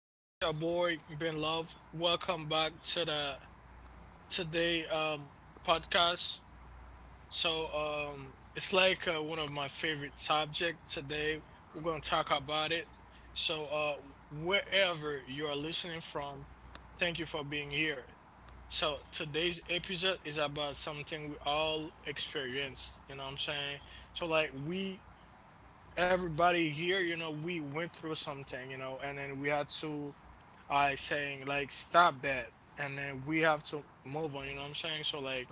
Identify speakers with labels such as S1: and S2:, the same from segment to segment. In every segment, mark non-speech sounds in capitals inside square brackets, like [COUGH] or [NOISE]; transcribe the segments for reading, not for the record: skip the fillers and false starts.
S1: This your boy Ben Love. Welcome back to the today podcast. So it's like one of my favorite subject today. We're gonna talk about it. So wherever you are listening from, thank you for being here. So today's episode is about something we all experience. You know what I'm saying? So like we everybody here, you know, we went through something, you know, and then we had to I saying like stop that and then we have to move on, you know what I'm saying? So like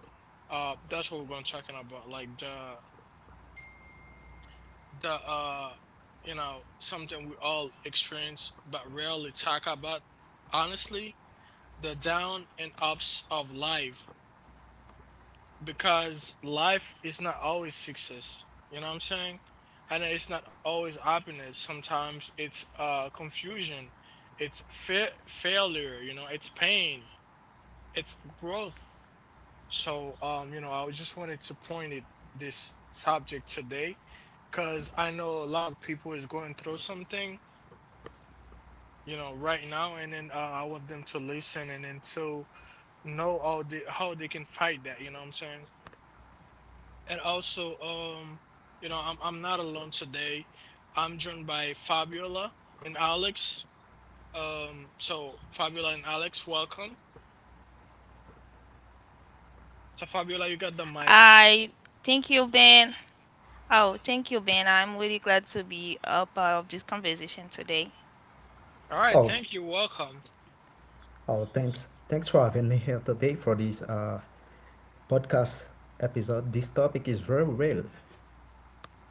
S1: that's what we're gonna talking about. Like the you know, something we all experience but rarely talk about honestly, the down and ups of life because life is not always success. You know what I'm saying? And it's not always happiness. Sometimes it's confusion, it's failure. You know, it's pain, it's growth. So you know, I just wanted to point at this subject today, because I know a lot of people is going through something. You know, right now, and then I want them to listen and then to know how they can fight that. You know what I'm saying? And also, you know, I'm not alone today. I'm joined by Fabiola and Alex. So Fabiola and Alex, welcome. So Fabiola, you got the mic. All right,
S2: Oh,
S1: thank you. Welcome.
S2: oh, thanks. Thanks for having me here today for this podcast episode. This topic is very real.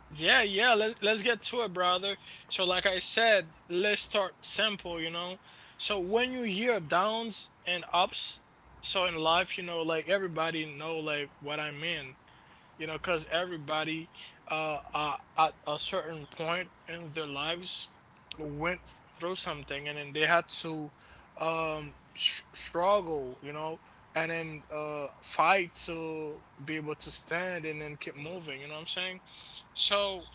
S1: Yeah, yeah, let's get to it, brother. So like I said, let's start simple, you know. So when you hear downs and ups, so in life, you know, like everybody know like what I mean. You know, because everybody at a certain point in their lives went through something and then they had to struggle, you know, and then fight to be able to stand and then keep moving, you know what I'm saying? So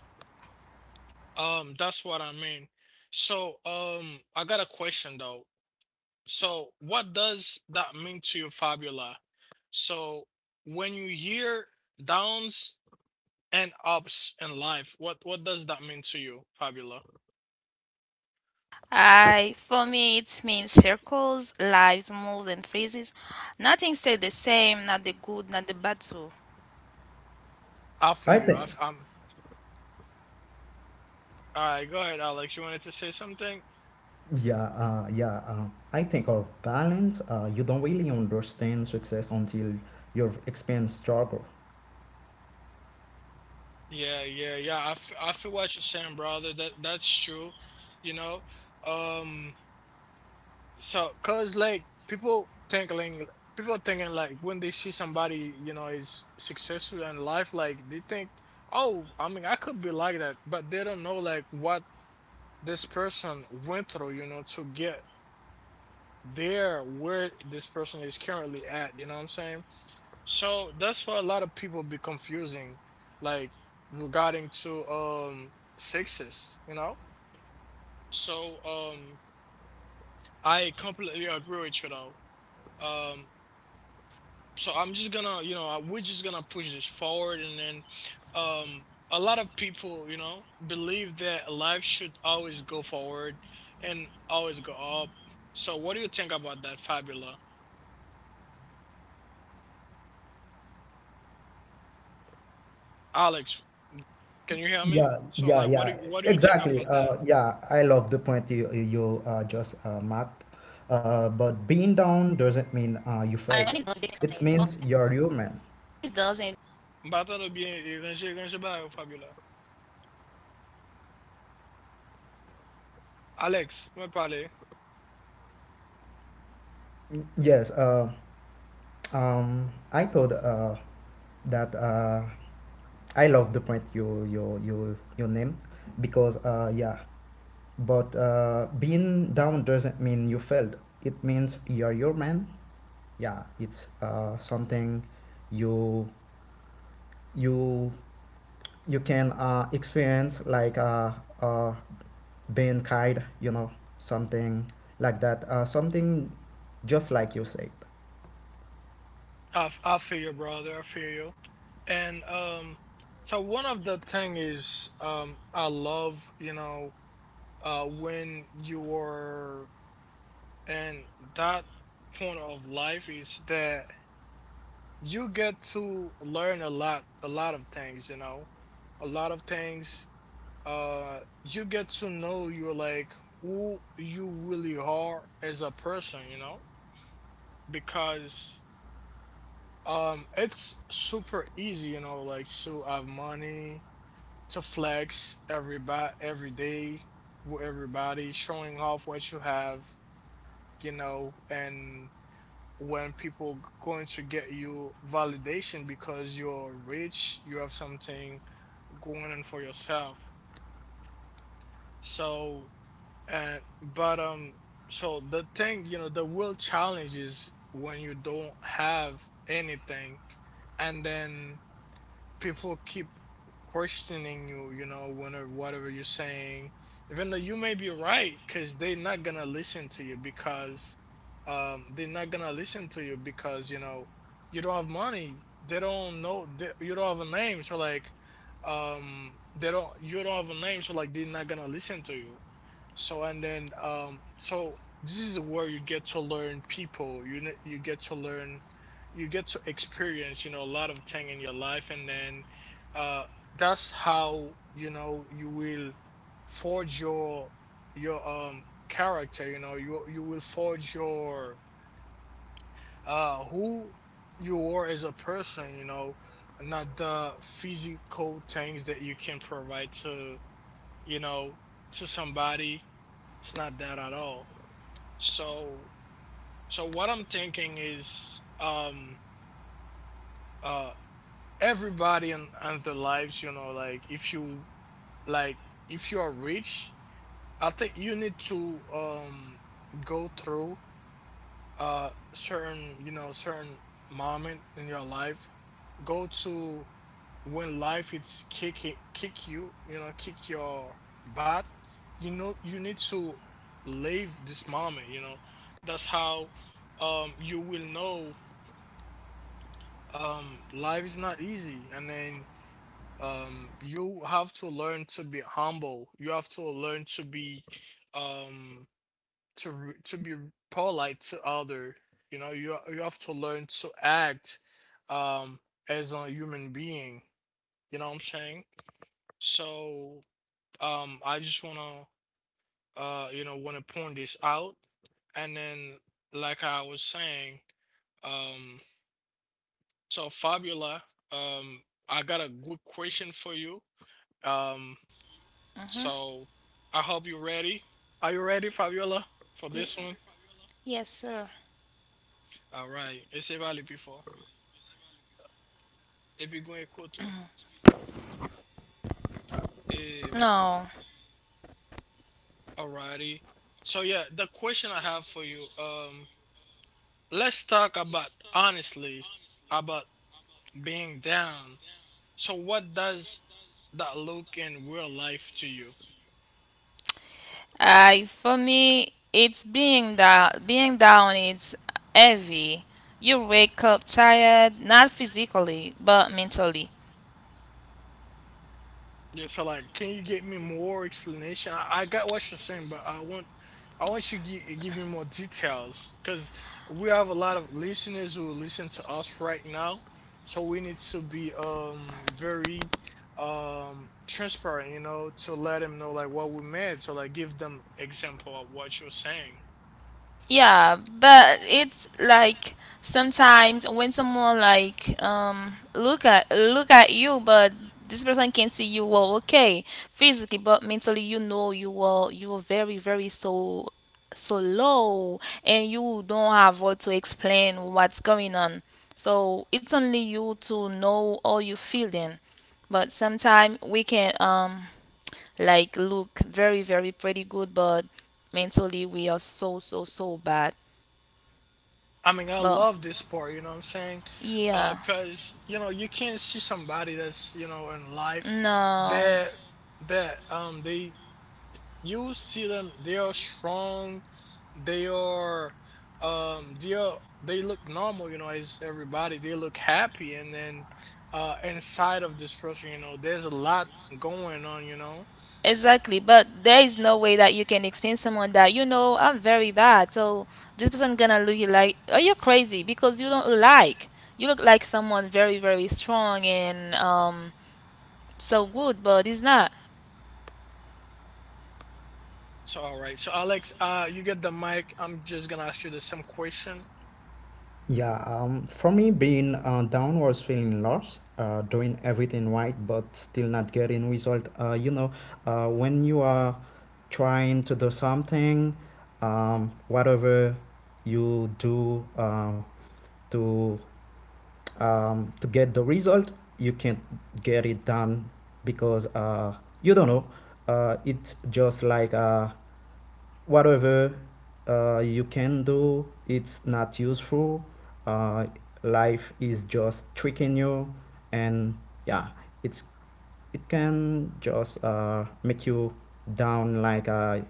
S1: that's what I mean. So I got a question though. So what does that mean to you, Fabiola? So when you hear downs and ups in life. What does that mean to you, Fabiola? After
S2: I
S1: you, I
S2: think,
S1: I'm all right. Go ahead, Alex. You wanted to say something?
S2: yeah, yeah. I think of balance. You don't really understand success until you've experienced struggle.
S1: Yeah, yeah, yeah. I feel what you're saying, brother. That's true. You know, um. So, cause like people thinking like when they see somebody, you know, is successful in life, like they think, oh, I mean, I could be like that, but they don't know like what this person went through, you know, to get there where this person is currently at, you know what I'm saying? So that's why a lot of people be confusing like regarding to sexes, you know? So I completely agree with you though. um so I'm just gonna, you know, we're just gonna push this forward and then um a lot of people, you know, believe that life should always go forward and always go up. So what do you think about that, Fabula? Alex, can you hear me?
S2: Yeah,
S1: So
S2: yeah,
S1: like
S2: yeah.
S1: what do you think
S2: Exactly.
S1: about that?
S2: Yeah, I love the point you just marked. But being down doesn't mean you failed. It means you're human.
S1: M'attendre bien et ranger ba yo Fabiola. Alex, me parler.
S2: Yes, I thought that I love the point you named, because yeah, but being down doesn't mean you failed. It means you're your man. Yeah, it's something you you you can experience, like uh, being kind. You know something like that. Something just like you say.
S1: I feel you, brother. I feel you. And so one of the thing is I love, you know, when you are and that point of life is that you get to learn a lot of things, you know. A lot of things uh you get to know you're like who you really are as a person, you know, because it's super easy, you know, like to have money to flex everybody every day with everybody showing off what you have, you know, and when people going to get you validation because you're rich, you have something going on for yourself. So and but so the thing, you know, the real challenge is when you don't have anything, and then people keep questioning you, you know, whenever whatever you're saying, even though you may be right, because they're not gonna listen to you because they're not gonna listen to you because, you know, you don't have money. They don't know they, you don't have a name, so like they don't you don't have a name, so like they're not gonna listen to you. So and then so this is where you get to learn people. You you get to learn, you get to experience, you know, a lot of thing in your life, and then uh that's how you know you will forge your your character, you know, you will forge your who you are as a person, you know, not the physical things that you can provide to, you know, to somebody. It's not that at all. So so what I'm thinking is uh everybody in their lives, you know, like if you are rich, I think you need to go through certain, you know, certain moment in your life, go to when life it's kick you, you know, kick your butt, you know, you need to live this moment, you know, that's how you will know life is not easy and then you have to learn to be humble, you have to learn to be um to to be polite to other, you know, you have to learn to act um as a human being, you know what I'm saying? So I just want to you know want to point this out, and then like I was saying, um so Fabiola, um I got a good question for you. um
S3: Mhm.
S1: So I hope you're ready. Are you ready, Fabiola,
S3: Y-
S1: for this one?
S3: Yes, sir.
S1: All right. Esse vale before. If you're going to
S3: No.
S1: alrighty. So yeah, the question I have for you, let's talk about honestly about being down. So what does that look in real life to you?
S3: I for me, it's being down. Being down, it's heavy. You wake up tired, not physically, but mentally.
S1: Yeah, so like, can you get me more explanation? I got what you're saying, but I want you to give, give me more details because we have a lot of listeners who listen to us right now, so we need to be very transparent, you know, to let them know like what we meant. So like, give them example of what you're saying.
S3: Yeah, but it's like sometimes when someone like look at you, but this person can see you well, okay, physically, but mentally, you know, you are very so low, and you don't have what to explain what's going on. So it's only you to know how you feel then. But sometimes we can like look very very pretty good, but mentally we are so bad,
S1: I mean, I
S3: but
S1: love this part, you know what I'm saying?
S3: yeah,
S1: Cause you know you can't see somebody that's you know in life
S3: no,
S1: that they you see them, they are strong, they are they are they look normal, you know, as everybody, they look happy, and then inside of this person, you know, there's a lot going on, you know.
S3: exactly. But there is no way that you can explain someone that, you know, I'm very bad. So this person gonna look you like, oh, you're crazy because you don't look like, you look like someone very very strong and so good, but it's not.
S1: So all right, so Alex, you get the mic, I'm just gonna ask you the same question.
S2: Yeah, for me, being down was feeling lost, doing everything right but still not getting result. When you are trying to do something, whatever you do to to get the result, you can't get it done because you don't know. It's just like whatever you can do, it's not useful. Uh, Life is just tricking you, and yeah, it's it can just make you down, like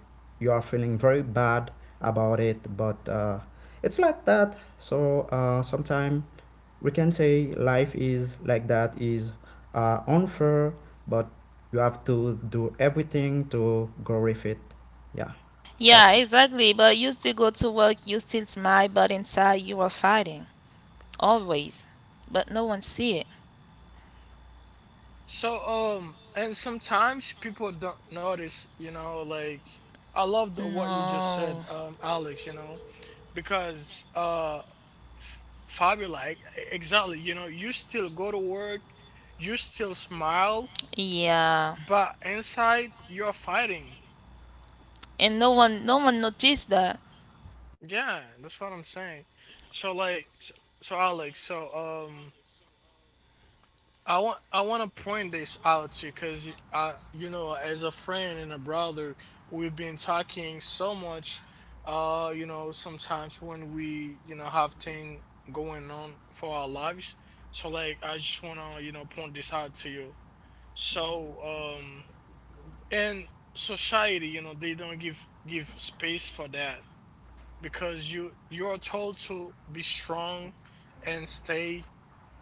S2: you are feeling very bad about it. But it's like that. So sometimes we can say life is like that, is unfair, but you have to do everything to grow with it. Yeah,
S3: Yeah,
S2: that's
S3: exactly. But you still go to work, you still smile, but inside you are fighting always. But no one see it.
S1: So and sometimes people don't notice, you know, like I love the, what you just
S3: No.
S1: said, Alex, you know, because Fabio like exactly, you know, you still go to work, you still smile,
S3: Yeah.
S1: but inside you're fighting.
S3: And no one noticed that.
S1: Yeah, that's what I'm saying. So like so, so Alex, so um I want to point this out to you because you know as a friend and a brother we've been talking so much, you know sometimes when we you know have things going on for our lives, so like I just want to you know point this out to you. So um and society, you know, they don't give space for that because you you're told to be strong and stay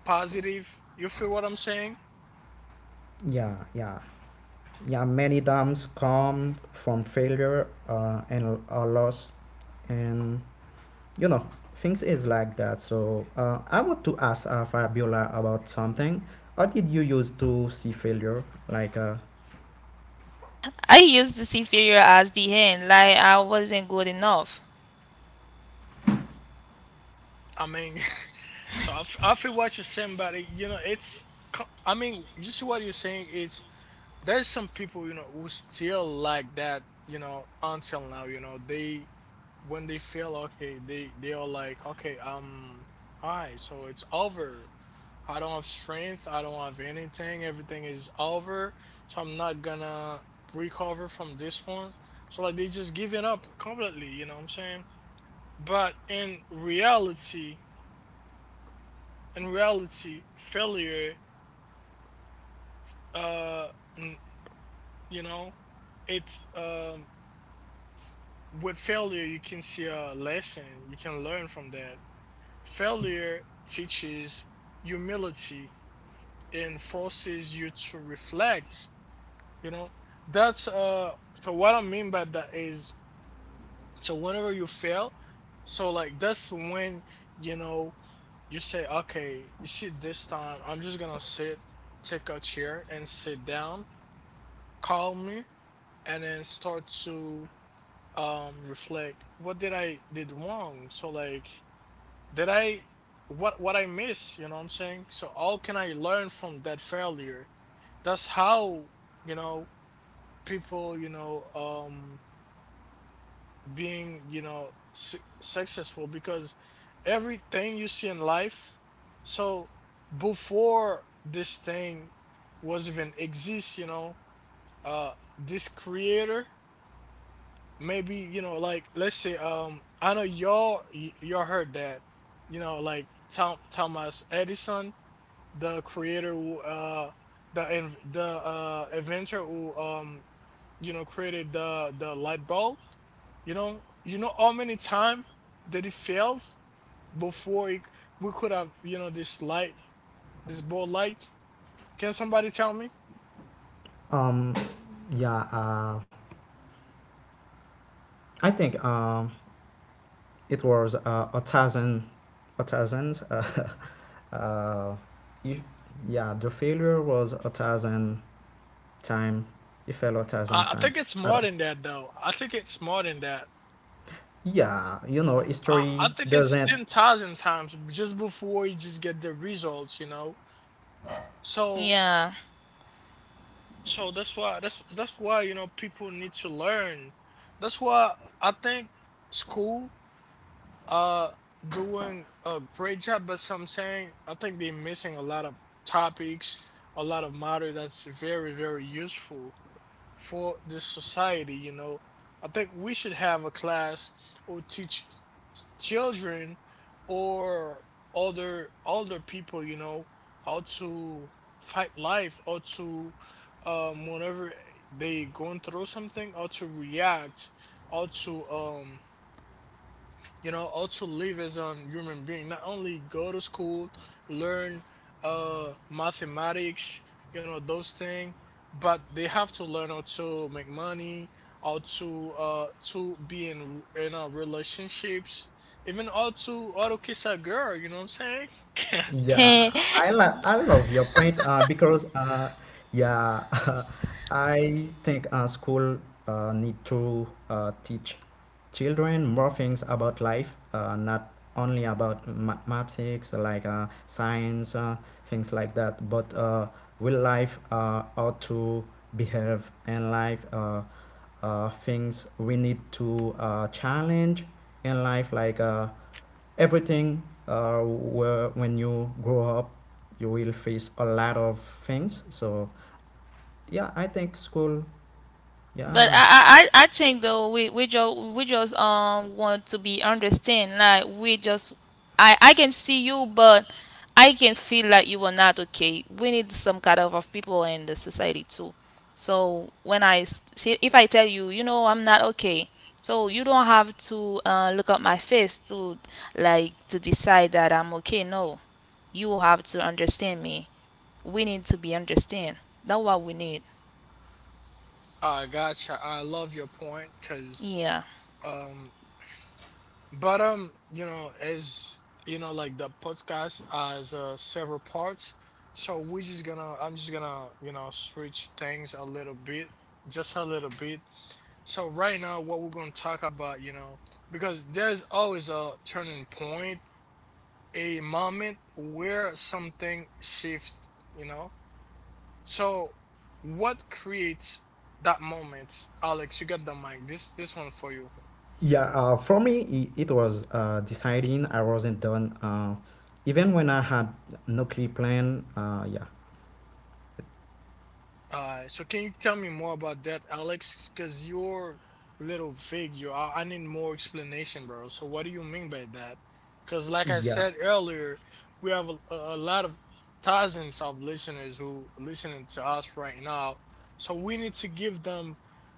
S1: positive. You feel what I'm saying?
S2: Yeah, yeah, yeah. Many dams come from failure and a loss, and you know things is like that. So I want to ask Fabiola about something. How did you used to see failure? Like,
S3: I used to see failure as the end, like I wasn't good enough.
S1: I mean, [LAUGHS] so I feel what you're saying, but you know, it's. I mean, you see what you're saying. It's There's some people, you know, who still like that, you know, until now, you know, they when they feel okay, they are like, okay, all right, so it's over. I don't have strength, I don't have anything, everything is over, so I'm not gonna recover from this one. So like, they just giving up completely. You know what I'm saying? But in reality, failure, uh n- you know, it's, s- with failure you can see a lesson, you can learn from that. Failure teaches humility and forces you to reflect, you know. That's So what I mean by that is, so whenever you fail, so like that's when, you know, you say, okay, you see, this time I'm just gonna sit, take a chair and sit down calmly and then start to reflect. What did I did wrong? So like, did I, what I miss, you know what I'm saying? So how can I learn from that failure? That's how, you know, people, you know, being, you know, successful. Because everything you see in life, so before this thing was even exist, you know, uh this creator, maybe, you know, like, let's say, I know y'all, y'all heard that, you know, like Tom, Thomas Edison, the creator who, the the inventor who, you know, created the light bulb. You know, you know how many times that it fails before it, we could have, you know, this light, this bulb light? Can somebody tell me?
S2: um, yeah, I think it was a thousand. [LAUGHS] Uh, uh, you, yeah, the failure was 1,000 time. It fell 1,000
S1: I think
S2: times.
S1: it's
S2: I
S1: more
S2: don't-
S1: than that, though. I think it's more than that.
S2: Yeah,
S1: I
S2: history
S1: think it's
S2: doesn't.
S1: 10,000 times just before you just get the results, you know? So,
S3: Yeah.
S1: that's why, that's why, you know, people need to learn. That's why I think school, uh, doing a great job, but some saying, I think they're missing a lot of topics, a lot of matter that's very, very useful for this society, you know. I think we should have a class or teach children or older people, you know, how to fight life, or to, whenever they going through something, or to react, or to, you know, or to live as a human being, not only go to school, learn mathematics, you know, those things. But they have to learn how to make money, how to, to be in, relationships, even how to kiss a girl. You know what I'm saying?
S3: [LAUGHS]
S2: Yeah,
S3: But
S2: I love your point because yeah, [LAUGHS] I think school need to teach children more things about life, not only about mathematics like science, things like that, but real life, how to behave in life, things we need to challenge in life, like. Everything where, when you grow up, you will face a lot of things, so yeah, I think school,
S3: I,
S2: yeah,
S3: I I I think though we just want to be understand, like we just, I can see you, but I can feel like you are not okay. We need some kind of people in the society too. So when I see if I tell you, you know, I'm not okay, so you don't have to look at my face to like to decide that I'm okay. No, you have to understand me. We need to be understand. That's what we need.
S1: [LAUGHS] I gotcha. I love your point because
S3: Yeah.
S1: um but you know, as you know, like the podcast has, several parts, so we're just gonna, you know, switch things a little bit, just a little bit. So right now, what we're gonna talk about, you know, because there's always a turning point, a moment where something shifts, you know. So what creates that moment, Alex? You got the mic. This one for you.
S2: yeah. For me, it was deciding I wasn't done, even when I had no clear plan. Yeah,
S1: So can you tell me more about that, Alex? Because you're a little vague. You are. I need more explanation, bro. So what do you mean by that? Because like I
S2: yeah,
S1: said earlier, we have a lot of thousands of listeners who listening to us right now. So we need to give them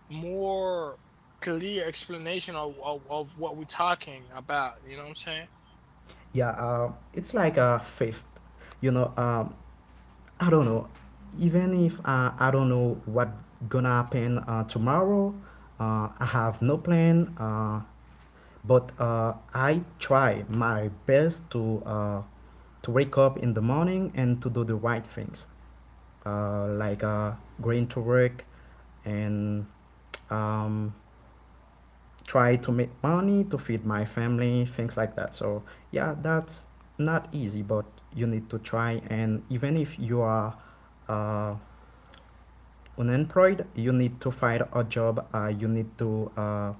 S1: more clear explanation of, of what we're talking about. You know what I'm saying?
S2: yeah. It's like a faith, you know. I don't know, even if I don't know what gonna happen tomorrow. I have no plan, but I try my best to to wake up in the morning and to do the right things, like going to work, and um, try to make money to feed my family, things like that. So yeah, that's not easy, but you need to try. And even if you are uh, unemployed, you need to find a job. You need to uh,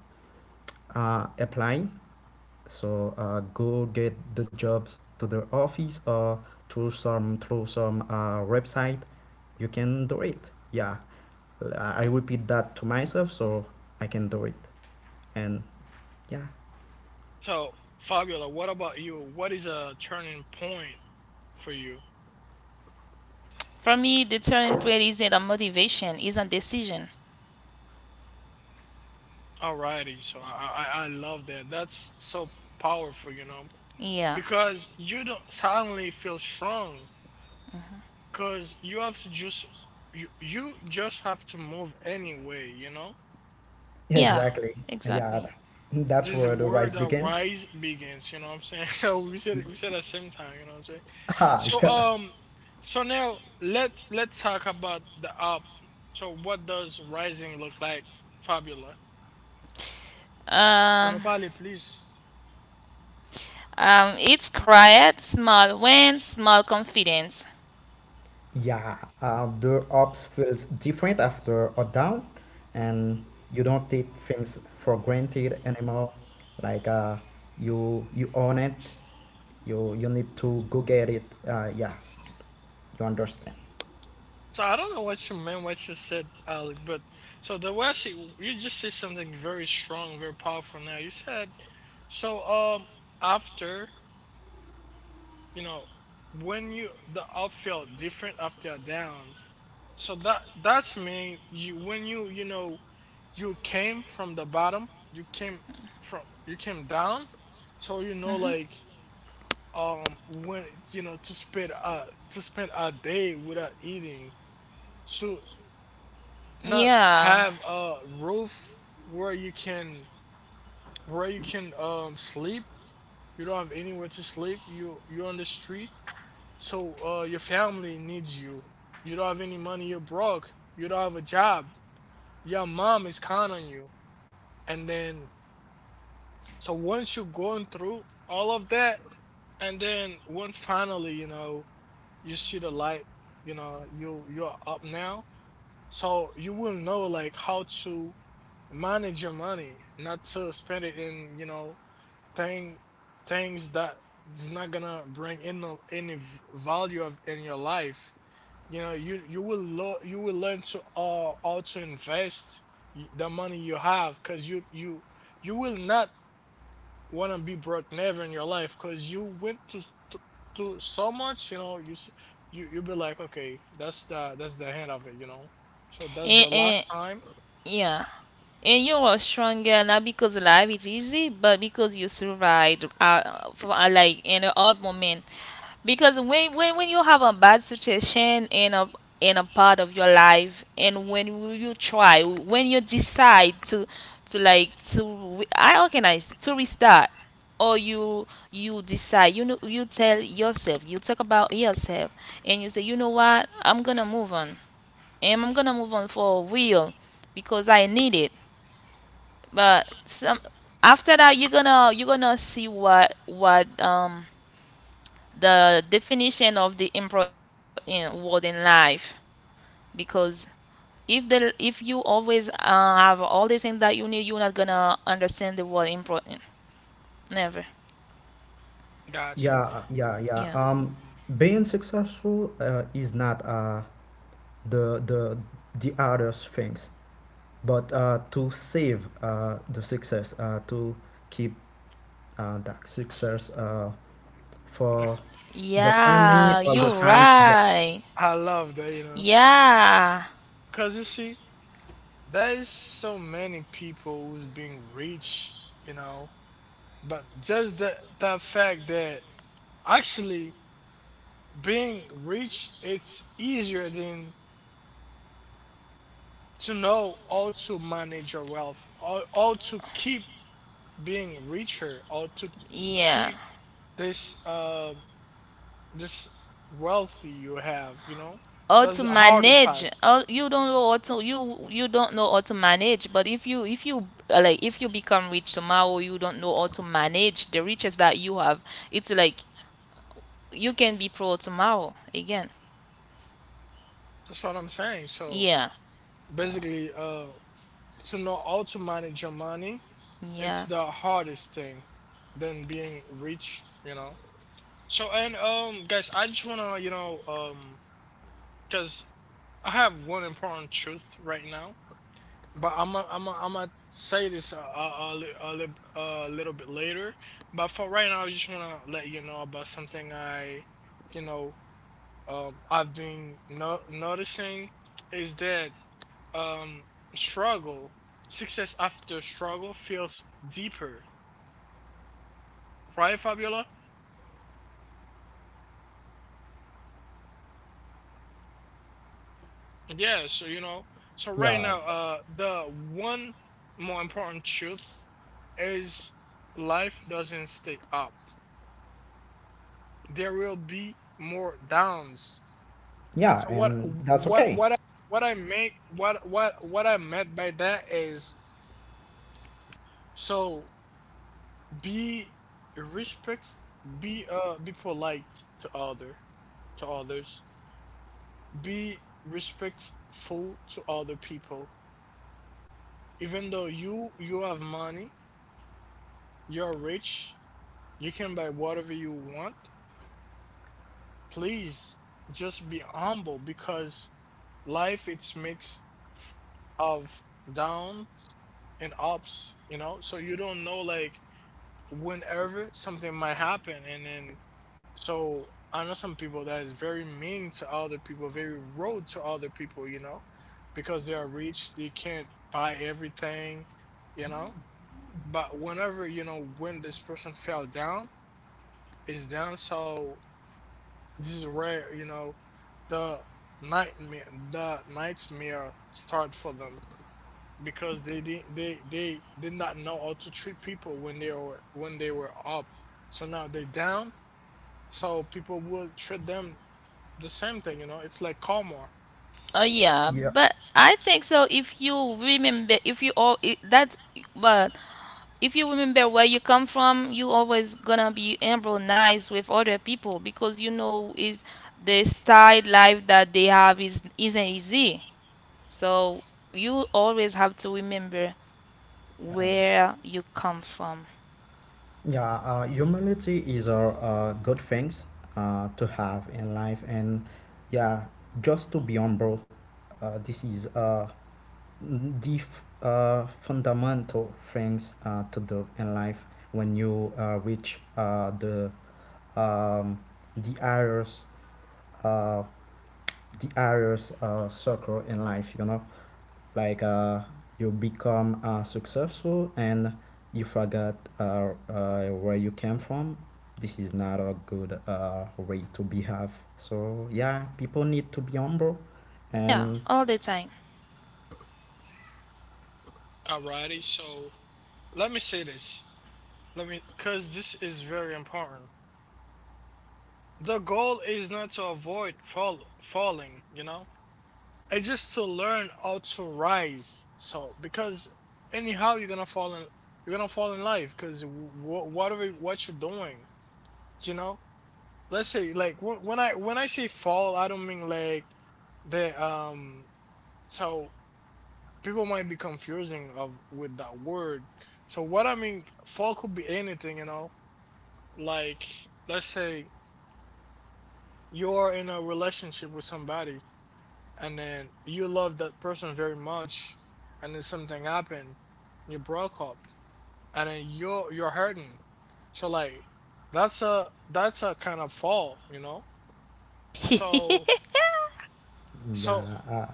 S2: uh, apply. So go get the jobs to the office or through some website. You can do it. Yeah, I repeat that to myself, so I can do it. And yeah,
S1: So Fabiola, what about you? What is a turning point for you?
S3: For me, the turning point isn't a motivation, it's a decision.
S1: Alrighty, so I I love that. That's so powerful, you know,
S3: Yeah.
S1: because you don't suddenly feel strong, because you have to just you just have to move anyway, you know.
S2: [LAUGHS] yeah,
S3: Yeah.
S2: exactly. Yeah,
S3: Exactly.
S2: that's
S1: This is
S2: where the
S1: where
S2: rise
S1: the
S2: begins.
S1: rise begins, you know what I'm saying? [LAUGHS] So we said it- we said at the same time, you know what I'm saying?
S2: [LAUGHS] Ah,
S1: So
S2: yeah,
S1: so now let let's talk about the up. So what does rising look like, Fabula? On
S3: Um,
S1: parle, please.
S3: it's quiet, small wins, small confidence.
S2: yeah. The ups feels different after a down, and you don't take things for granted anymore. Like you own it. You need to go get it, yeah, you understand?
S1: So I don't know what you meant, what you said, Alec, but so the way I see, you just said something very strong, very powerful. Now you said, so after, you know, when you the up felt different after a down, so that that's mean you, when you know, you came from the bottom, you came from, you came down. So you know, like when you know to spend a day without eating. So not
S3: Yeah.
S1: have a roof where you can sleep. You don't have anywhere to sleep. You you're on the street, so your family needs you. You don't have any money. You're broke. You don't have a job. Your mom is counting on you. And then, so once you're going through all of that, and then once finally, you know, you see the light, you know, you you're up now. So you will know like how to manage your money, not to spend it in, you know, thing things that is not gonna bring in any value of in your life. You know, you will learn to, how to invest the money you have, because you will not want to be brock never in your life, because you went to, to to so much. You know, you you'll be like, okay, that's the end of it. You know, so that's the
S3: And
S1: last time.
S3: yeah. And you are stronger not because life is easy, but because you survived for, like in a hard moment. Because when you have a bad situation in a part of your life, and when you try when you decide to like to re- I organize to restart, or you decide, you know, you tell yourself, you talk about yourself and you say, you know what, I'm gonna move on, and I'm gonna move on for real because I need it. But some, after that, you're gonna see what the definition of the important word in life, because if the, if you always have all the things that you need, you're not gonna understand the word important, never.
S1: Gotcha.
S2: Yeah, yeah, yeah.
S3: Yeah,
S2: Being successful is not the the the other things, but to save the success, to keep that success for
S1: [LAUGHS]
S2: your family
S3: yeah,
S2: all the
S1: I,
S3: you're
S1: I
S2: time. Yeah,
S3: right.
S1: I love that. You know,
S3: Yeah,
S1: because you see, there's so many people who's being rich, you know. But just the fact that actually being rich, it's easier than to know how to manage your wealth, how, to keep being richer, how to
S3: yeah.
S1: keep this this wealthy you have. You know,
S3: How
S1: that's
S3: to
S1: the harder
S3: manage.
S1: part.
S3: Oh, you don't know how to, you don't know how to manage. But if you, if you like if you become rich tomorrow, you don't know how to manage the riches that you have. It's like you can be poor tomorrow again.
S1: That's what I'm saying. So
S3: Yeah,
S2: yeah,
S1: basically, to know how to manage your money, it's
S3: yeah,
S1: the hardest thing than being rich. You know. So and guys, I just wanna, you know, cuz I have one important truth right now, but I'm I I'm gonna say this a a little bit later, but for right now I just wanna let you know about something I, you know, I've been noticing, is that um struggle, success after struggle feels deeper. Right, Fabiola? Yeah, so you know, so right
S2: yeah,
S1: now, the one more important truth is life doesn't stay up. There will be more downs.
S2: yeah,
S1: So
S2: and that's
S1: what,
S2: okay.
S1: what I meant by that is, so be respect, be polite to other, to others, be respectful to other people, even though you have money. You're rich. You can buy whatever you want. Please just be humble, because life it's mix of downs and ups, you know? So you don't know like whenever something might happen, and then so I know some people that is very mean to other people, very rude to other people, you know, because they are rich, they can't buy everything, you know. But whenever, you know, when this person fell down, it's down, so this is where, you know, the nightmare the nightmare start for them, because they didn't they did not know how to treat people when they were up. So now they're down, so people will treat them the same thing, you know. It's like karma.
S3: oh yeah.
S2: Yeah,
S3: But I think so. If you remember, if you all that's, but if you remember where you come from, you always gonna be embroiled with other people, because you know is the style life that they have is isn't easy. So you always have to remember
S2: yeah.
S3: where you come from.
S2: Yeah, humility is a good things to have in life, and yeah, just to be humble. This is fundamental things to do in life when you reach um, the uh, highest circle in life. You know, like you become successful and you forgot where you came from. This is not a good way to behave, so yeah, people need to be humble,
S3: Yeah,
S2: and
S3: all the time.
S1: Alrighty, so let me say this. Let me, because this is very important. The goal is not to avoid falling, you know. It's just to learn how to rise. So because anyhow you're gonna fall in, you're gonna fall in life, because whatever what you're doing, you know. Let's say, like when I say fall, I don't mean like the. So people might be confusing of with that word. So what I mean, fall could be anything, you know. Like, let's say you're in a relationship with somebody, and then you love that person very much, and then something happened, you broke up, and then you're hurting. So like, that's a kind of fall, you know. So
S3: [LAUGHS]
S1: so
S2: yeah,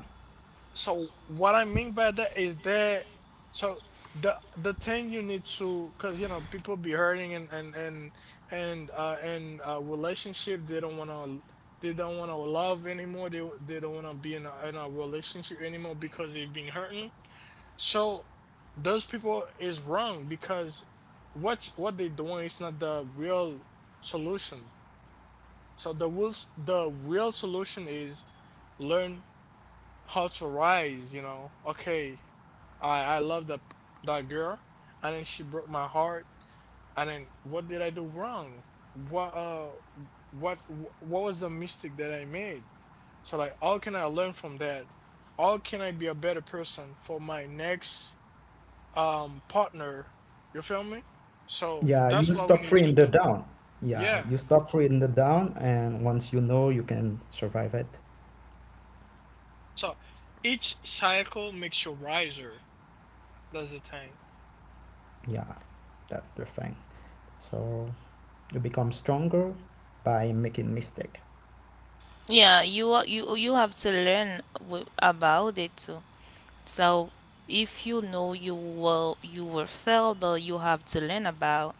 S1: what I mean by that is, that so the thing you need to, because you know, people be hurting, and relationship, they don't want to love anymore, they don't want to be in a relationship anymore because they've been hurting. So those people is wrong, because what they doing is not the real solution. So the will the real solution is learn how to rise, you know. Okay, I love that that girl, and then she broke my heart, and then what did I do wrong? What, what was the mistake that I made? So like, how can I learn from that? How can I be a better person for my next partner? You feel me? So
S2: yeah, you
S1: that's what we
S2: stop
S1: need to
S2: freeing the
S1: do.
S2: down. Yeah,
S1: Yeah.
S2: you stop freeing the down, and once you know, you can survive it.
S1: So each cycle makes you riser. That's the thing.
S2: Yeah, that's the thing. So you become stronger by making mistake.
S3: Yeah, you, you have to learn about it too. So if you know you will, you will fail, but you have to learn about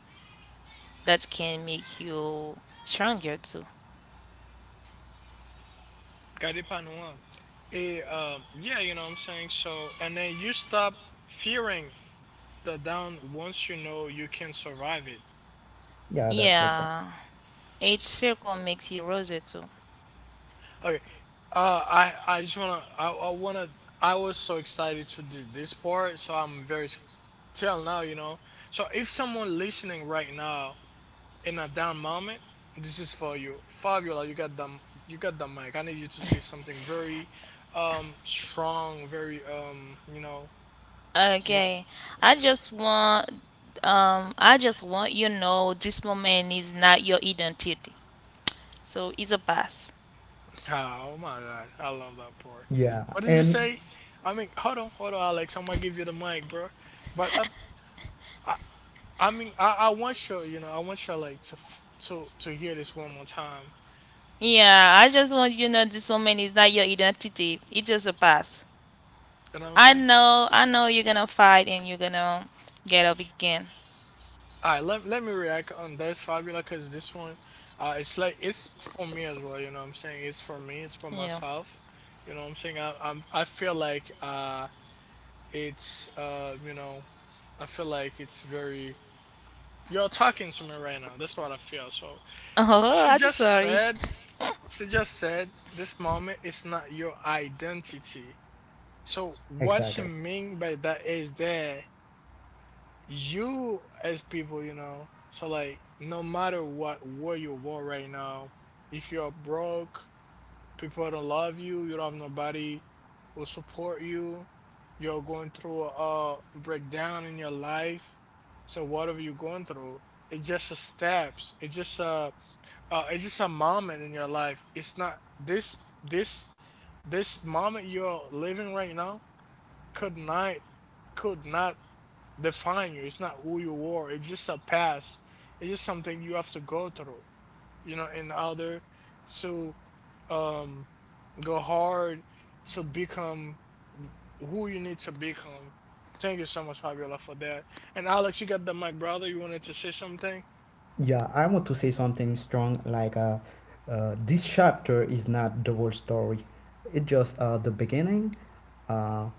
S3: that can make you stronger too.
S1: Got it, Panua. Yeah, you know what I'm saying? So, and then you stop fearing the down once you know you can survive it.
S2: Yeah, that's your point.
S3: Yeah. Each circle makes you rosy too.
S1: Okay. I wanna, I was so excited to do this part, so I'm very till now, you know. So if someone listening right now in a down moment, this is for you. Fabiola, you got the you got the mic. I need you to say something very strong, very you know.
S3: Okay. I just want, I just want, you know, this moment is not your identity. So it's a pass.
S1: Oh my God. I love that part.
S2: Yeah,
S1: What did you
S2: and
S1: say? I mean, hold on, hold on, Alex. I'm gonna give you the mic, bro. But I, I mean, I want you, you know, I want you like to to hear this one more time.
S3: Yeah, I just want, you know, this moment is not your identity. It's just a pass.
S1: You know what I'm
S3: I
S1: saying?
S3: know, I know you're gonna fight and you're gonna get up again.
S1: All right, let me react on this Fabula because this one, it's like it's for me as well. You know what I'm saying? It's for me. It's for
S3: Yeah.
S1: myself. You know what I'm saying? I feel like it's uh, you know, it's very. You're talking to me right now. That's what I feel. So
S3: Oh,
S1: She
S3: I'm
S1: just
S3: sorry.
S1: said, she just said, this moment is not your identity. So what she
S2: exactly.
S1: mean by that is that you as people, so like no matter what war you war right now, if you're broke, people don't love you, you don't have nobody will support you, you're going through a breakdown in your life. So whatever you're going through, it's just a steps. It's just a moment in your life. It's not this moment you're living right now could not could not define you. It's not who you are. It's just a past. It's just something you have to go through. You know, in order to um go hard to become who you need to become. Thank you so much, Fabiola, for that. And Alex, you got the mic, brother. You wanted to say something?
S2: Yeah, I want to say something strong, like, this chapter is not the whole story. It's just the beginning. Uh,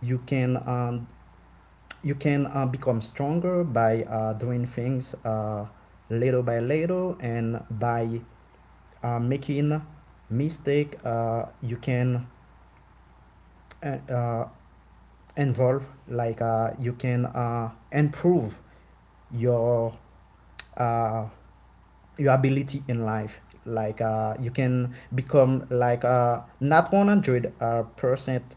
S2: you can um, you can become stronger by doing things little by little, and by making mistake. You can uh, uh, involve, like you can improve your uh, your ability in life, like you can become, like not 100 percent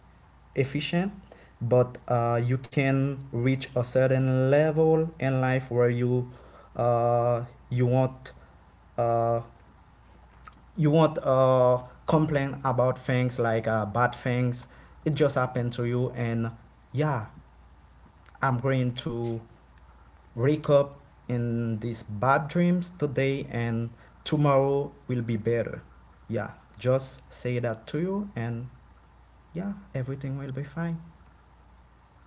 S2: efficient, but you can reach a certain level in life where uh, you won't uh, you won't complain about things, like bad things, it just happened to you. And yeah, I'm going to wake up in these bad dreams today, and tomorrow will be better. Yeah, just say that to you, and yeah, everything will be fine.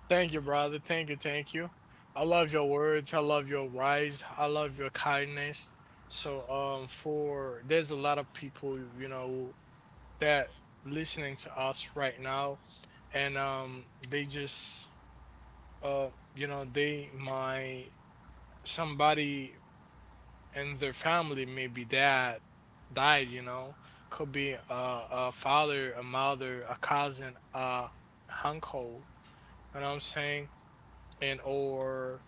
S1: Thank you, brother. Thank you. Thank you. I love your words. I love your rise. I love your kindness. So, for there's a lot of people, that listening to us right now, and they just, uh, you know, they my somebody in their family, maybe dad died. You know, could be a father, a mother, a cousin, a uncle. You know what I'm saying? And or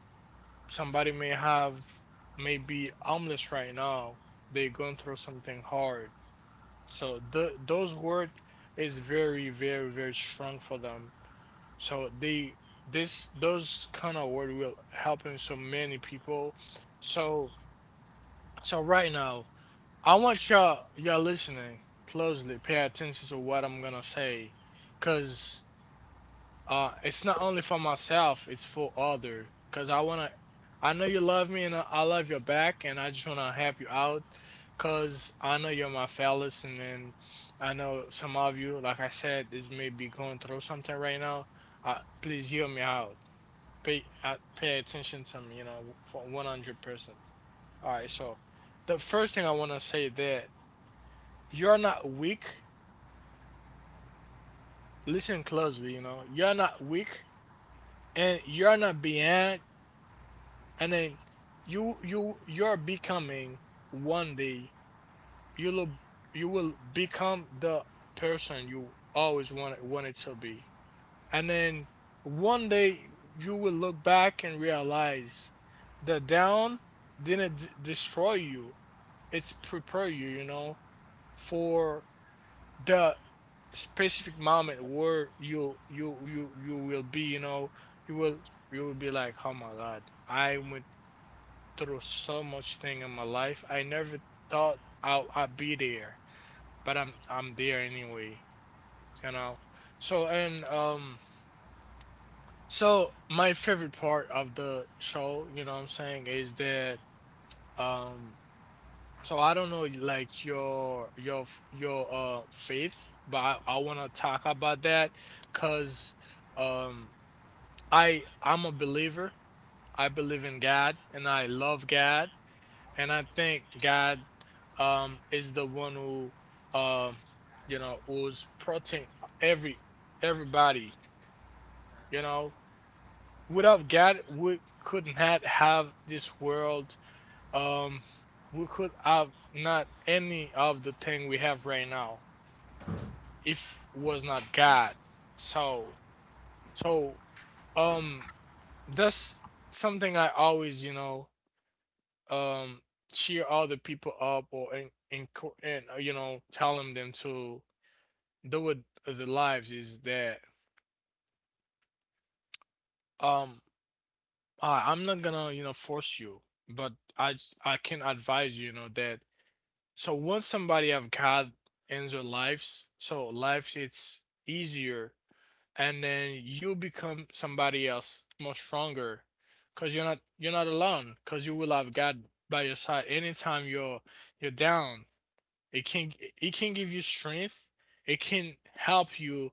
S1: somebody may be homeless right now. They're going through something hard. So the those word is very, very, very strong for them. So they this those kind of word will helping so many people. So so right now, I want Y'all listening closely, pay attention to what I'm gonna say because it's not only for myself, it's for other, because I want to I know you love me, and I love your back, and I just want to help you out because I know you're my fellas. And then I know some of you, like I said, is maybe going through something right now. Please hear me out, pay attention to me, for 100%. All right, so the first thing I want to say that you're not weak. Listen closely, you know you're not weak and you're not behind. And then you're becoming one day you'll you will become the person you always wanted to be. And then one day you will look back and realize the down didn't destroy you. It's prepare you you know for the specific moment where you will be, you will you will be like, oh my God, I went through so much thing in my life. I never thought I'd be there, but I'm there anyway, you know. So and um so my favorite part of the show, you know what I'm saying, is that um I don't know, like, your faith. But I wanna talk about that because um I'm a believer. I believe in God, and I love God. And I think God is the one um who's protecting every everybody, you know. Without God, we could not have this world. Um we could have not any of the thing we have right now if was not God. So so um that's something I always, um cheer other people up, and telling them to do with their lives, is that um I'm not gonna force you, but I can advise you, you know that so once somebody have God in their lives, so life it's easier. And then you become somebody else more stronger because you're not alone, because you will have God by your side anytime you're down. It can it can give you strength. It can help you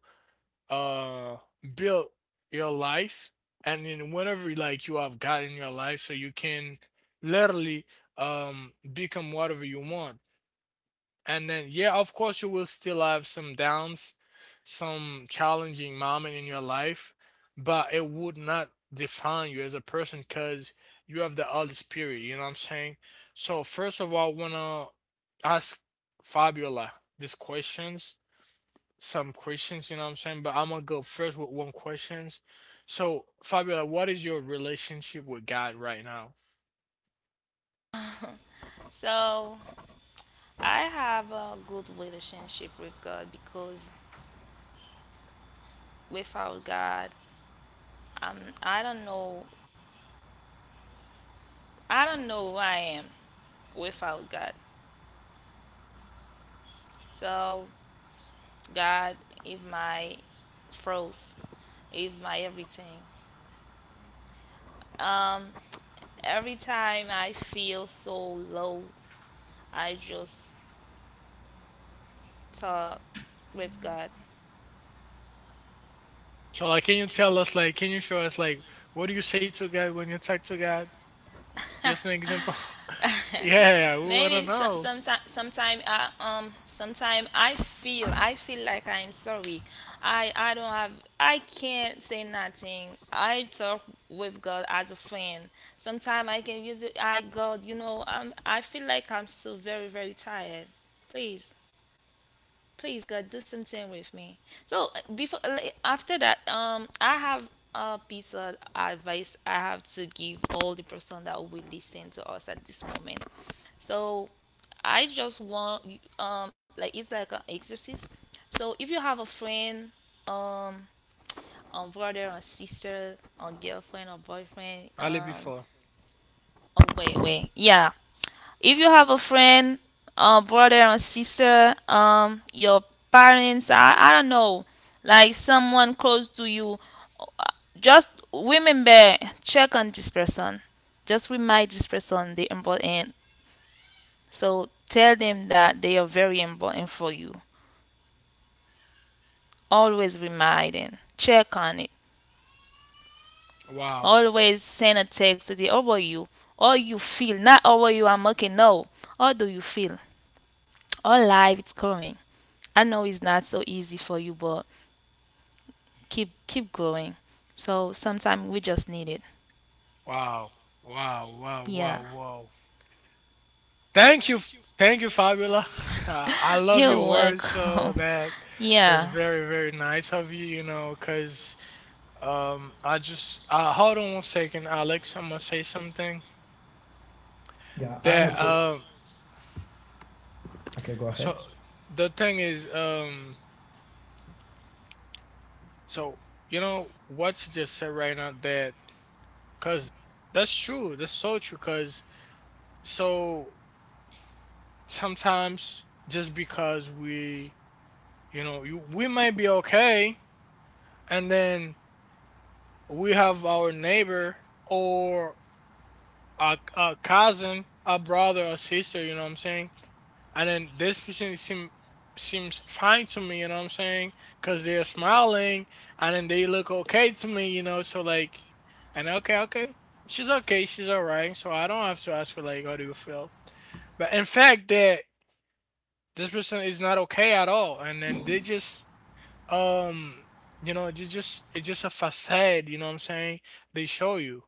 S1: uh build your life. And then whenever, like, you have God in your life, so you can literally become whatever you want. And then, yeah, of course, you will still have some downs, some challenging moment in your life, but it would not define you as a person because you have the Holy Spirit, you know what I'm saying? So, first of all, I want to ask Fabiola these questions, some questions, you know what I'm saying? But I'm going to go first with one questions. So, Fabiola, what is your relationship with God right now?
S3: So I have a good relationship with God, because without God, I'm, I don't know who I am without God. So God is my froze, is my everything. Um, every time I feel so low, I just talk with God.
S1: So, like, can you tell us, like, can you show us, like, what do you say to God when you talk to God? Just an example. [LAUGHS]
S3: [LAUGHS]
S1: Yeah, we wanna
S3: Maybe some,
S1: know.
S3: sometime I, sometime I feel, I feel like I'm so weak. I don't have, I can't say nothing. I talk with God as a friend. Sometimes I can use it. I, God, you know, I feel like I'm so very very tired. Please, please God, do something with me. So, before like, after that, I have a piece of advice I have to give all the person that will listen to us at this moment. So I just want, like it's like an exercise. So if you have a friend, um, a brother, a sister, a girlfriend, or boyfriend,
S1: Ali before.
S3: oh wait, wait, yeah. If you have a friend, a brother, or sister, your parents, I don't know, like someone close to you, uh, just remember, check on this person. Just remind this person the important. So tell them that they are very important for you. Always remind them. Check on it.
S1: Wow.
S3: Always send a text to the, how about you? How you feel? Not how are you, I'm okay. No. How do you feel? All life it's coming. I know it's not so easy for you, but keep, keep growing. So sometimes we just need it.
S1: Wow. Wow. Wow.
S3: Yeah.
S1: Wow. Wow. Thank you. Thank you, Fabiola. [LAUGHS] I love
S3: You're
S1: your words. So
S3: welcome. [LAUGHS]
S1: that's
S3: Yeah.
S1: very, very nice of you, because I just hold on one second, Alex. I'm gonna say something.
S2: Yeah, I want
S1: That
S2: to. Okay, go ahead.
S1: so the thing is, so you know what's just said right now, that because that's true. That's so true. Because So sometimes, just because we, you know, you, we might be okay, and then we have our neighbor or a cousin, a brother, a sister, you know what I'm saying? And then this person seems fine to me, you know what I'm saying? Because they're smiling and then they look okay to me, you know? So, like, and okay, okay. She's okay, she's all right. So I don't have to ask her, like, how do you feel? But in fact, that this person is not okay at all, and then they just um you know it's just a facade, you know what I'm saying, they show you.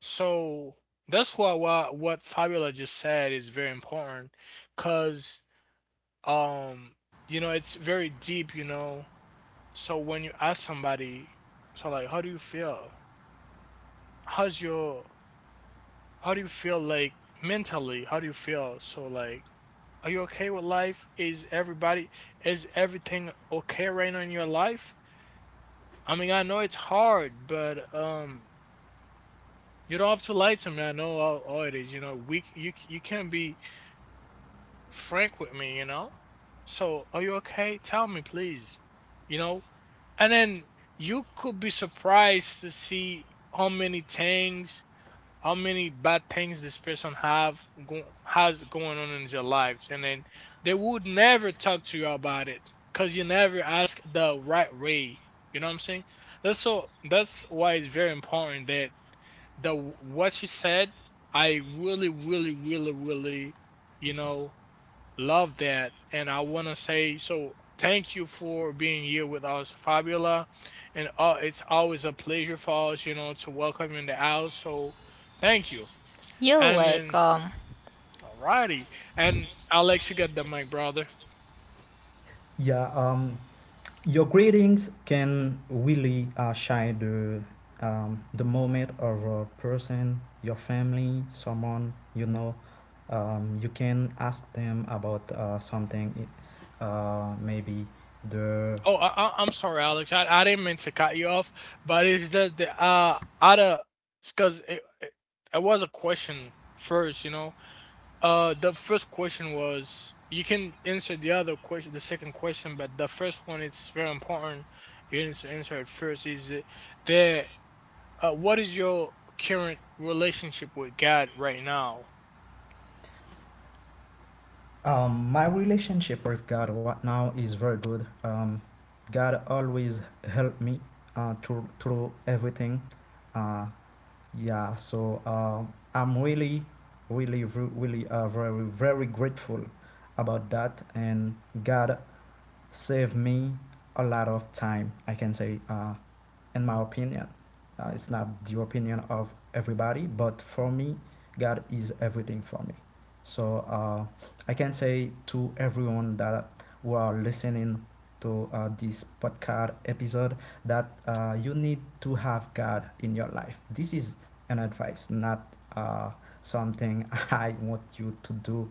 S1: So that's why what Fabiola just said is very important because um it's very deep. So when you ask somebody, so, like, how do you feel how's your how do you feel like mentally? How do you feel? So, like, are you okay with life? Is everything okay right now in your life? I mean, I know it's hard, but you don't have to lie to me. I know how it is. You know, we c- you can be frank with me. You know, so are you okay? Tell me, please. You know, and then you could be surprised to see how many things how many bad things this person has going on in their lives. And then they would never talk to you about it because you never ask the right way, you know what I'm saying? That's why it's very important that the what she said, I really, really, really, really you know love that. And I want to say, so thank you for being here with us, Fabiola. And it's always a pleasure for us to welcome you in the house. So thank you.
S3: You're
S1: And then,
S3: welcome.
S1: alrighty. And Alex, you got the mic, brother.
S2: Yeah, your greetings can really shine the moment of a person, your family, someone you know. You can ask them about something, maybe the
S1: Oh, I'm sorry, Alex. I didn't mean to cut you off, but it's just the other because it was a question first. The first question was, you can answer the other question, the second question, but the first one it's very important. You need to answer it first. Is it the what is your current relationship with God right now?
S2: My relationship with God right now is very good. God always helped me through everything. Uh, yeah, so I'm really, really, really, very, very grateful about that. And God saved me a lot of time, I can say, in my opinion. It's not the opinion of everybody, but for me, God is everything for me. So I can say to everyone that, who are listening to this podcast episode, that you need to have God in your life. This is an advice, not something [LAUGHS] I want you to do,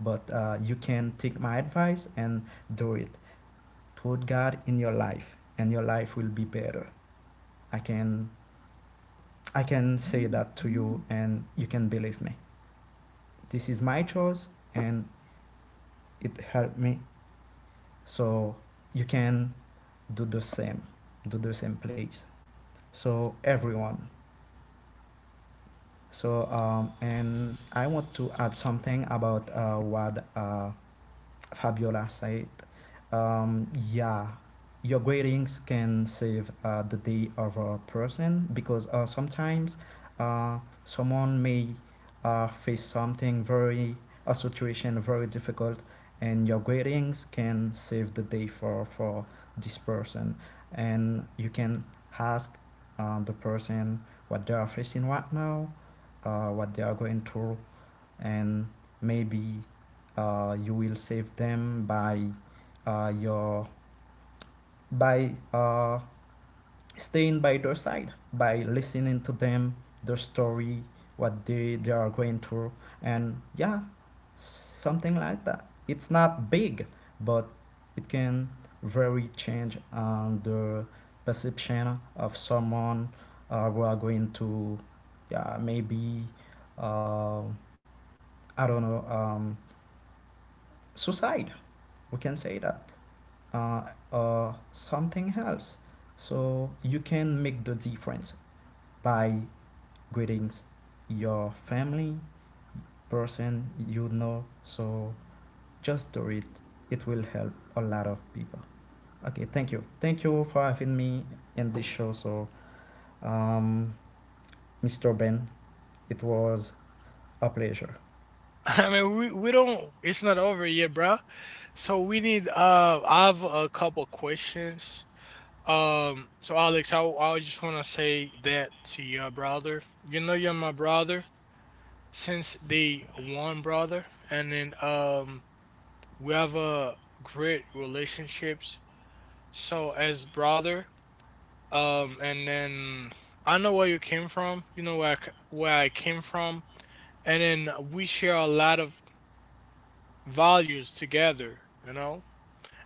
S2: but you can take my advice and do it. Put God in your life, and your life will be better. I can I can say that to you, and you can believe me. This is my choice and it helped me. So you can do the same, do the same please. So everyone. So and I want to add something about what Fabiola said. Yeah, your gradings can save the day of a person, because sometimes uh, someone may face something very, a situation very difficult, and your gradings can save the day for, this person. And you can ask the person what they are facing right now, what they are going through, and maybe you will save them by your by staying by their side, by listening to them, their story, what they are going through. And yeah, something like that, it's not big, but it can very change the perception of someone who are going to, yeah, maybe uh, I don't know, suicide, we can say that, uh, something else. So you can make the difference by greetings your family, person you know, so just do it, it will help a lot of people. Okay, thank you, thank you for having me in this show. So um, Mr. Ben, it was a pleasure.
S1: [LAUGHS] I mean, we don't. It's not over yet, bro. So we need. I have a couple questions. So Alex, I just want to say that to your brother. You know, you're my brother since the one brother, and then we have a great relationships. So as brother, and then I know where you came from. You know where I came from, and then we share a lot of values together, you know?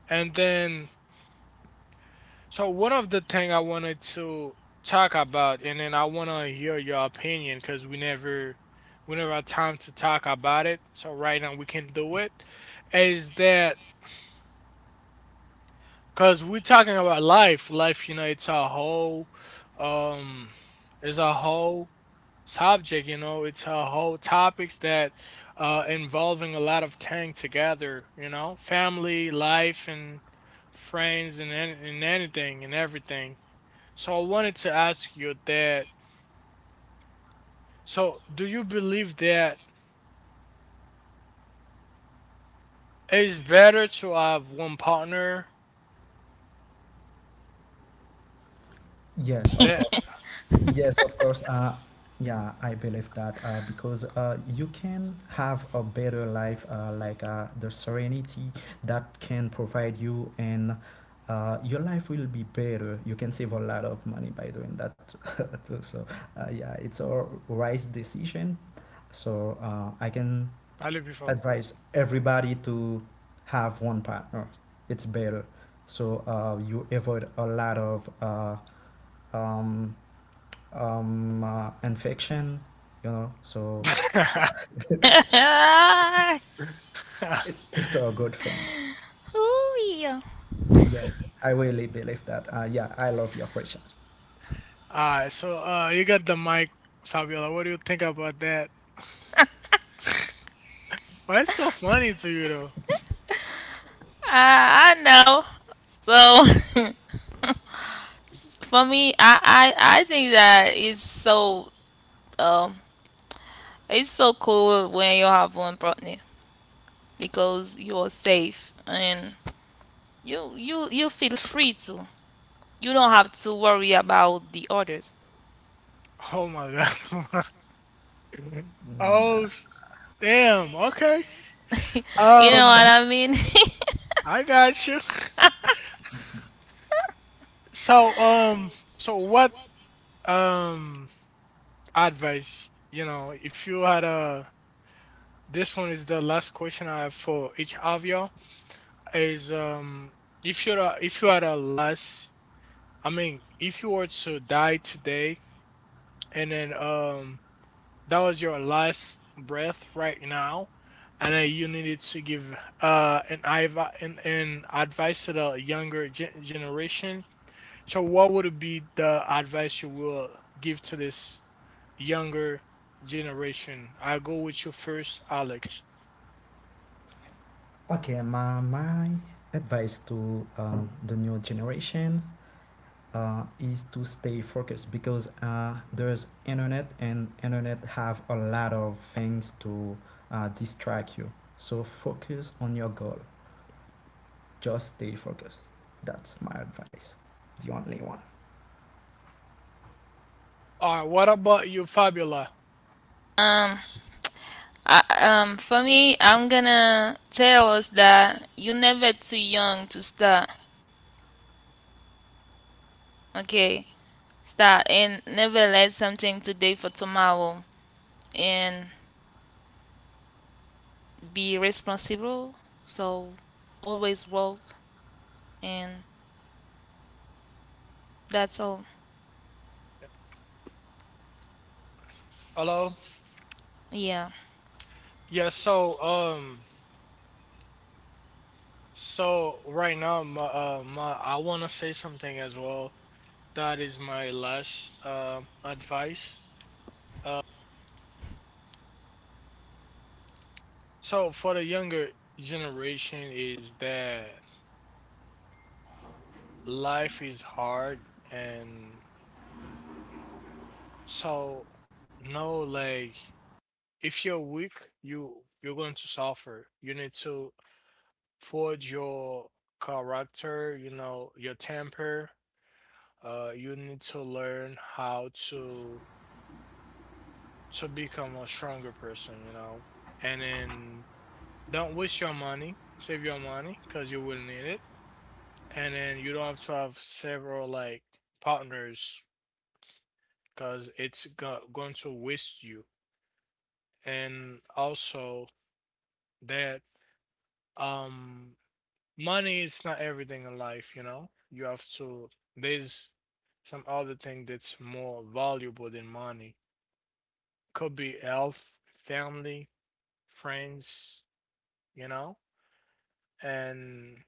S1: And then, so one of the thing I wanted to talk about, and then I want to hear your opinion because we never had time to talk about it. So right now we can do it, is that, because we're talking about life. Life, um, it's a whole subject, it's a whole topics that involving a lot of things together, family, life, and friends, and and anything and everything. So I wanted to ask you that. So do you believe that it's better to have one partner
S2: Yes, of
S1: that
S2: course. Yes, of course. Yeah, I believe that, because you can have a better life, like the serenity that can provide you, and your life will be better. You can save a lot of money by doing that [LAUGHS] too. So, yeah, it's a wise decision. So, I can
S1: I live before?
S2: advise everybody to have one partner. It's better. So, you avoid a lot of um, and so
S3: [LAUGHS] Ooh,
S2: [LAUGHS] it's all good
S1: [LAUGHS]
S2: things.
S3: yeah.
S2: Yes, I really believe that. Yeah, I love your question.
S1: Alright, so, you got the mic, Fabiola. What do you think about that? [SIGHS] [LAUGHS] Why it's so funny to you though?
S3: I know. So [LAUGHS] For me, I think that it's so, um it's so cool when you have one partner, because you are safe and you feel free to. You don't have to worry about the others.
S1: Oh my God. [LAUGHS]
S2: Mm,
S1: Oh,
S2: uh,
S1: damn. Okay.
S2: that's a
S3: You
S2: good
S3: know
S1: Um,
S2: point.
S3: what I mean? [LAUGHS]
S1: I got you. [LAUGHS] So, what, um, advice, if you had a, this one is the last question I have for each of you is, if you had a last, I mean, if you were to die today, and then, that was your last breath right now, and then you needed to give an advice to the younger generation, so what would be the advice you will give to this younger generation? I'll go with you first, Alex.
S2: Okay, my advice to the new generation is to stay focused, because there's internet, and internet have a lot of things to distract you. So focus on your goal. Just stay focused. That's my advice. The only one.
S1: All right, what about you, Fabiola?
S3: Um, I, for me, I'm gonna tell us that you're never too young to start. Okay, start and never let something today for tomorrow. And be responsible. So always work, and that's all.
S1: Hello?
S3: Yeah.
S1: Yeah. So right now, my, my I want to say something as well that is my last advice. Uh, So for the younger generation is that life is hard, and so no, like, if you're weak, you you're going to suffer. You need to forge your character, your temper. You need to learn how to become a stronger person. And then don't waste your money, save your money because you will need it. And then you don't have to have several, like, partners because it's go going to waste you. And also that um money is not everything in life, you know? You have to There's some other thing that's more valuable than money. Could be health, family, friends, you know? And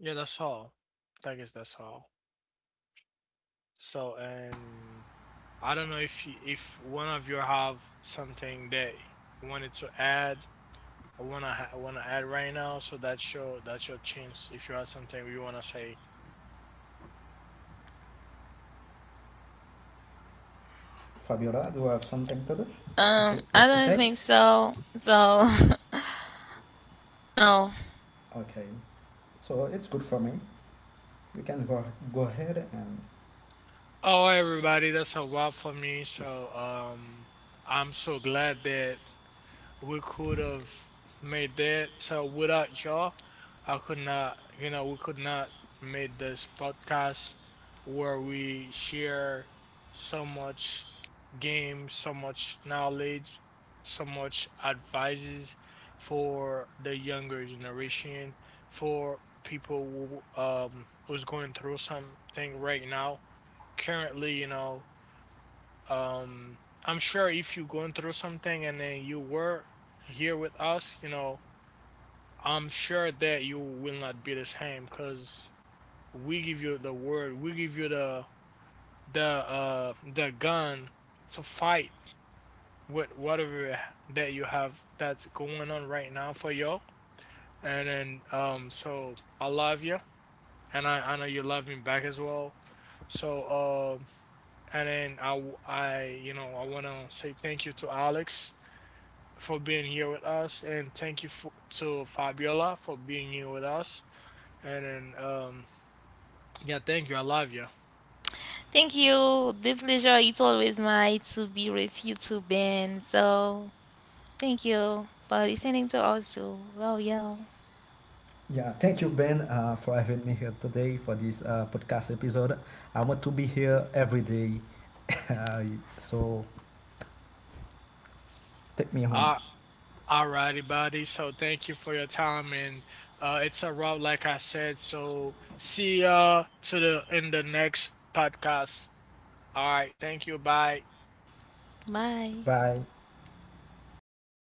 S1: yeah, that's all. I guess that's all. So, and I don't know if one of you have something that wanted to add or wanna add right now. So that's your chance. If you have something you wanna say,
S2: Fabiola, do you have something to do?
S3: I
S2: To
S3: don't
S2: say?
S3: think so. So [LAUGHS] no.
S2: Okay, so it's good for me. You can go ahead, and
S1: oh, everybody, that's a wrap for me. So I'm so glad that we could have made that. So without y'all, I could not, you know, we could not made this podcast where we share so much game, so much knowledge, so much advices for the younger generation, for people who's going through something right now. Currently, um, I'm sure if you're going through something and then you were here with us, I'm sure that you will not be the same because we give you the word, we give you the gun to fight with whatever that you have that's going on right now for you. All And then I love you and I know you love me back as well. So and then I w- I you know I wanna say thank you to Alex for being here with us, and thank you to Fabiola for being here with us. And then, yeah, thank you. I love you.
S3: Thank you. The pleasure it's always mine to be with you too, Ben. So thank you for listening to us too. Love y'all.
S2: yeah, thank you, Ben, for having me here today for this podcast episode. I want to be here every day, [LAUGHS] so take me on.
S1: Uh, alrighty, buddy. So thank you for your time, and it's a wrap, like I said. So see ya to the in the next podcast. All right, thank you. Bye.
S3: Bye.
S2: Bye.